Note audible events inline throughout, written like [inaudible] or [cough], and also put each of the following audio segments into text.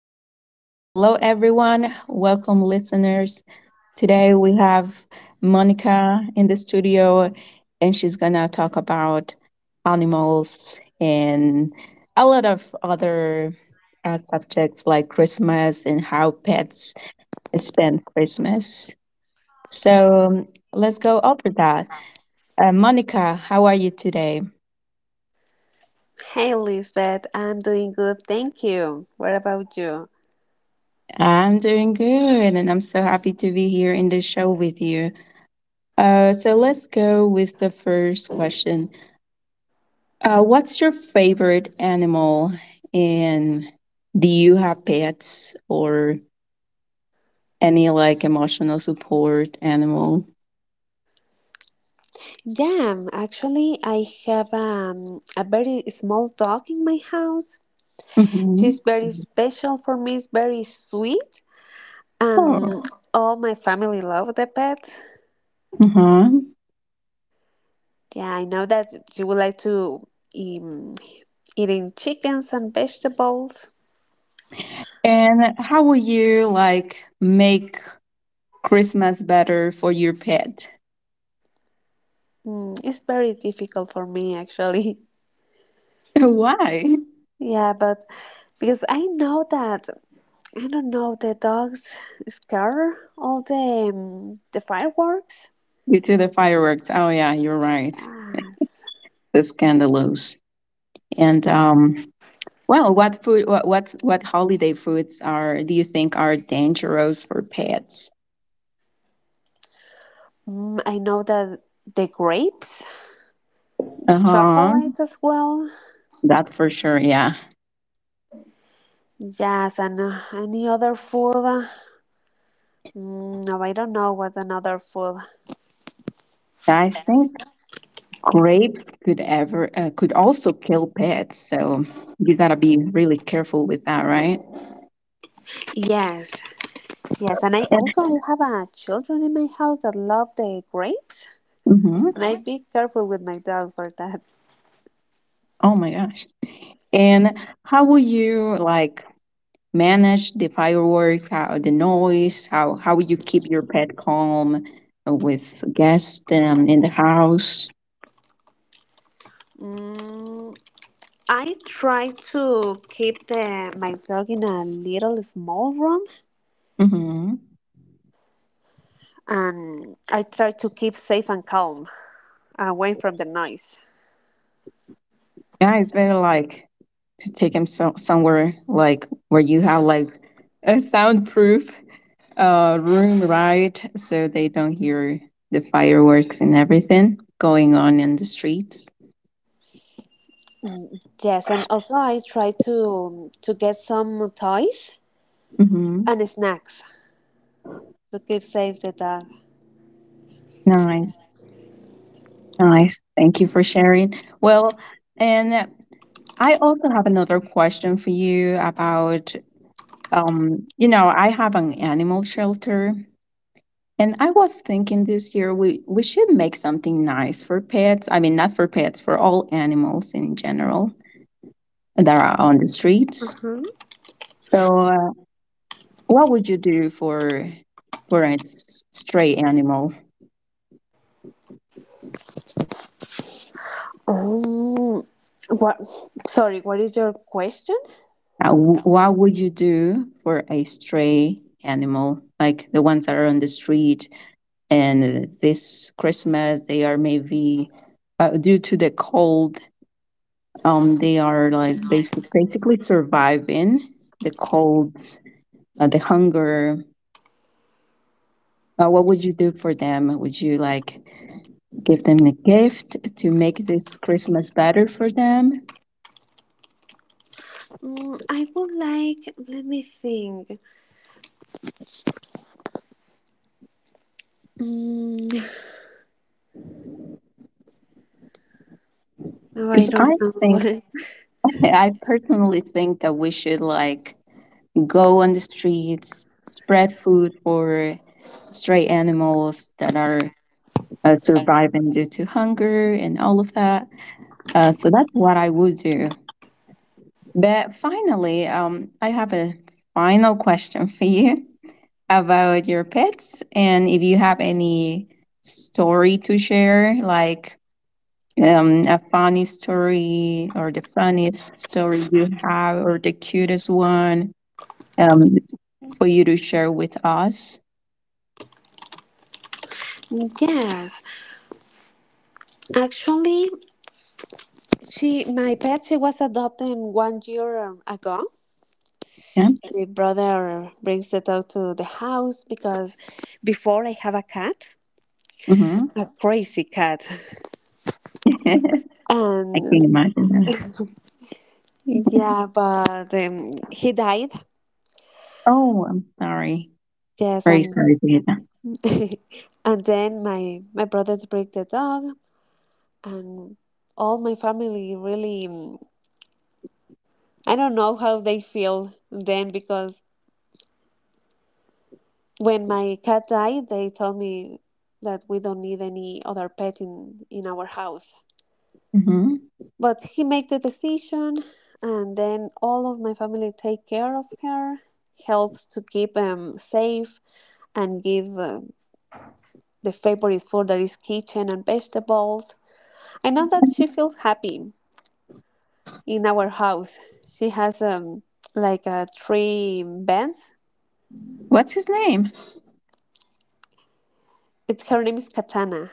All right. Hello, everyone. Welcome, listeners. Today we have Monica in the studio, and she's going to talk about animals and a lot of other subjects like Christmas and how pets spend Christmas. So let's go over that. Monica, how are you today? Hey Lisbeth, I'm doing good, thank you. What about you? I'm doing good, and I'm so happy to be here in the show with you. So let's go with the first question. What's your favorite animal? And do you have pets or any like emotional support animal? Yeah, actually, I have a very small dog in my house. Mm-hmm. She's very special for me, it's very sweet, and Oh. all my family love the pet. Uh-huh. Yeah, I know that you would like to um, eating chickens and vegetables. And how will you like make Christmas better for your pet? Mm, it's very difficult for me, actually. [laughs] [laughs] Why? Yeah, but because I know that. I don't know, the dogs scare all the the fireworks. Due to the fireworks. Oh yeah, you're right. Yes. The scandalous. And well, what food? What holiday foods are do you think are dangerous for pets? Mm, I know that the grapes, Uh huh. chocolate as well. That for sure. Yeah, Yes, and any other food. No, I don't know what another food. I think grapes could ever could also kill pets. So you gotta be really careful with that, right? Yes, yes, and I And also I have children in my house that love the grapes, and hmm I be careful with my dog for that. oh my gosh. And how will you like manage the fireworks? How the noise? How will you keep your pet calm with guests in the house? Mm, I try to keep my dog in a little small room Mm-hmm. and I try to keep safe and calm away from the noise. Yeah, it's better like to take him somewhere like where you have like a soundproof room, right? So they don't hear the fireworks and everything going on in the streets. Yes, and also I try to get some toys hmm and snacks to keep safe the dog. Nice, nice. Thank you for sharing. Well, and I also have another question for you about. You know, I have an animal shelter. And I was thinking this year we should make something nice for pets. I mean, not for pets, for all animals in general that are on the streets. Mhm. So, what would you do for a stray animal? Oh, what? Sorry, what is your question? What would you do for a stray animal, like the ones that are on the street? And this Christmas, they are maybe due to the cold. They are like basically surviving the cold, the hunger. What would you do for them? Would you like give them a gift to make this Christmas better for them? Mm, I would like. Let me think. Mm, no, I Because don't I think, know. [laughs] I personally think that we should like go on the streets, spread food for stray animals that are surviving due to hunger and all of that. So that's what I would do. But finally, I have a final question for you about your pets and if you have any story to share, like a funny story or the funniest story you have or the cutest one um, for you to share with us. [laughs] Yes, actually, she my pet she was adopted 1 year ago, Yeah. the brother brings the dog to the house because before I have a cat, hmm a crazy cat, [laughs] [laughs] I can and imagine that. yeah, but he died. Oh, I'm sorry. Yes, Very and sorry to hear that. [laughs] and then my brother bring the dog, and all my family really. I don't know how they feel then because when my cat died, they told me that we don't need any other pet in our house. hmm. But he make the decision and then all of my family take care of her helps to keep safe and give the favorite food that is kitchen and vegetables. I know that she feels happy in our house. She has like a three bands. What's his name? It's her name is Katana.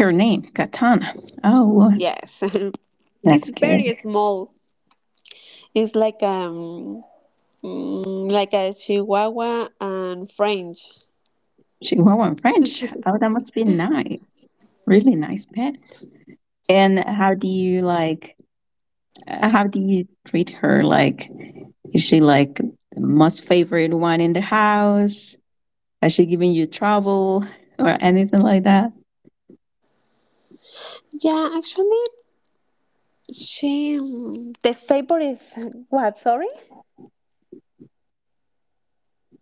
Her name, Katana. Oh, Yes. [laughs] It's that's good. very small. It's like like a chihuahua and french. Chihuahua in French. Oh, that must be nice. Really nice pet. And how do you like? How do you treat her? Like, is she like the most favorite one in the house? Has she given you trouble or anything like that? Yeah, actually she the favorite, what, sorry?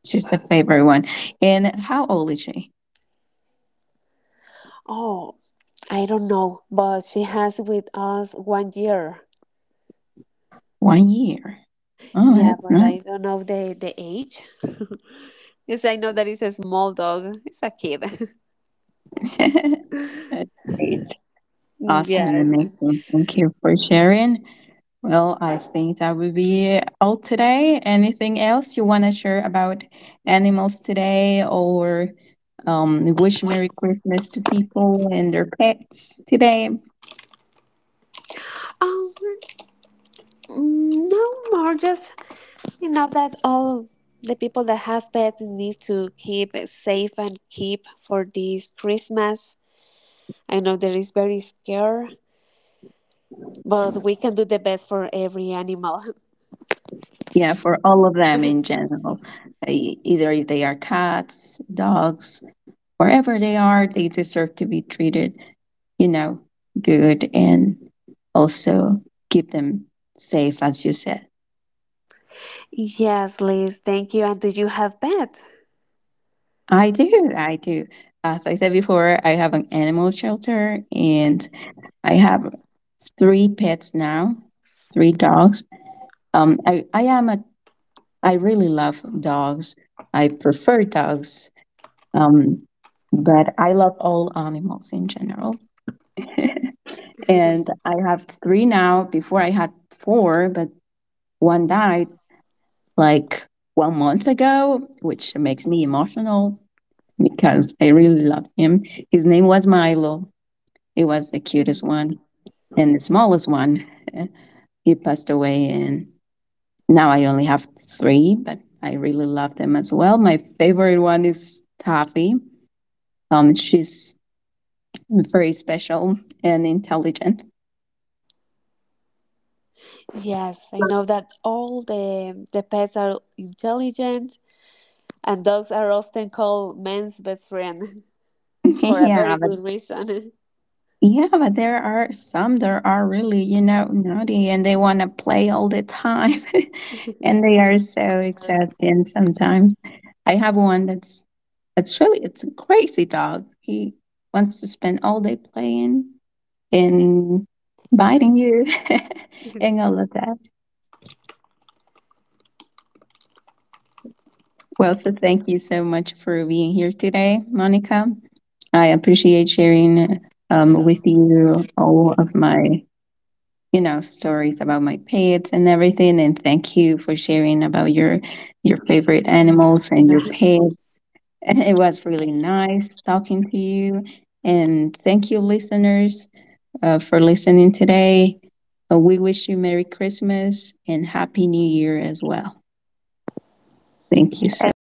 She's the favorite one. And how old is she? Oh, I don't know, but she has with us 1 year. 1 year. Oh, Yeah, that's but nice. I don't know the age. [laughs] Yes, I know that it's a small dog. It's a kid. [laughs] [laughs] That's great. Awesome. Yes. Amazing. Thank you for sharing. Well, I think that would be all today. Anything else you want to share about animals today or wish Merry Christmas to people and their pets today? Um, no more. Just you know that all the people that have pets need to keep it safe and keep for this Christmas. I know that is very scary, but we can do the best for every animal. [laughs] Yeah, for all of them in general, either if they are cats, dogs, wherever they are, they deserve to be treated, you know, good and also keep them safe, as you said. Yes, Liz, thank you. And do you have pets? [laughs] I do, I do. As I said before, I have an animal shelter and I have 3 pets now, 3 dogs. I am a, I really love dogs. I prefer dogs. Um, but I love all animals in general. [laughs] And I have 3 now. Before I had 4, but one died like 1 month ago, which makes me emotional because I really loved him. His name was Milo. He was the cutest Mhm. one and the smallest one. [laughs] He passed away, and now I only have 3, but I really love them as well. My favorite one is Taffy. She's very special and intelligent. Yes, I know that all the pets are intelligent, and dogs are often called man's best friend [laughs] [laughs] for a yeah, very good reason. yeah, but there are some that are really, you know, naughty and they want to play all the time. [laughs] And they are so exhausting sometimes. I have one that's really it's a crazy dog. He wants to spend all day playing and biting you [laughs] and [laughs] all of that. Well, so thank you so much for being here today, Monica. I appreciate sharing with you all of my you know stories about my pets and everything and thank you for sharing about your favorite animals Yeah. and your [laughs] pets. [laughs] And it was really nice talking to you and thank you listeners for listening today. We wish you Merry Christmas and happy New Year as well. Thank you so much. Yes.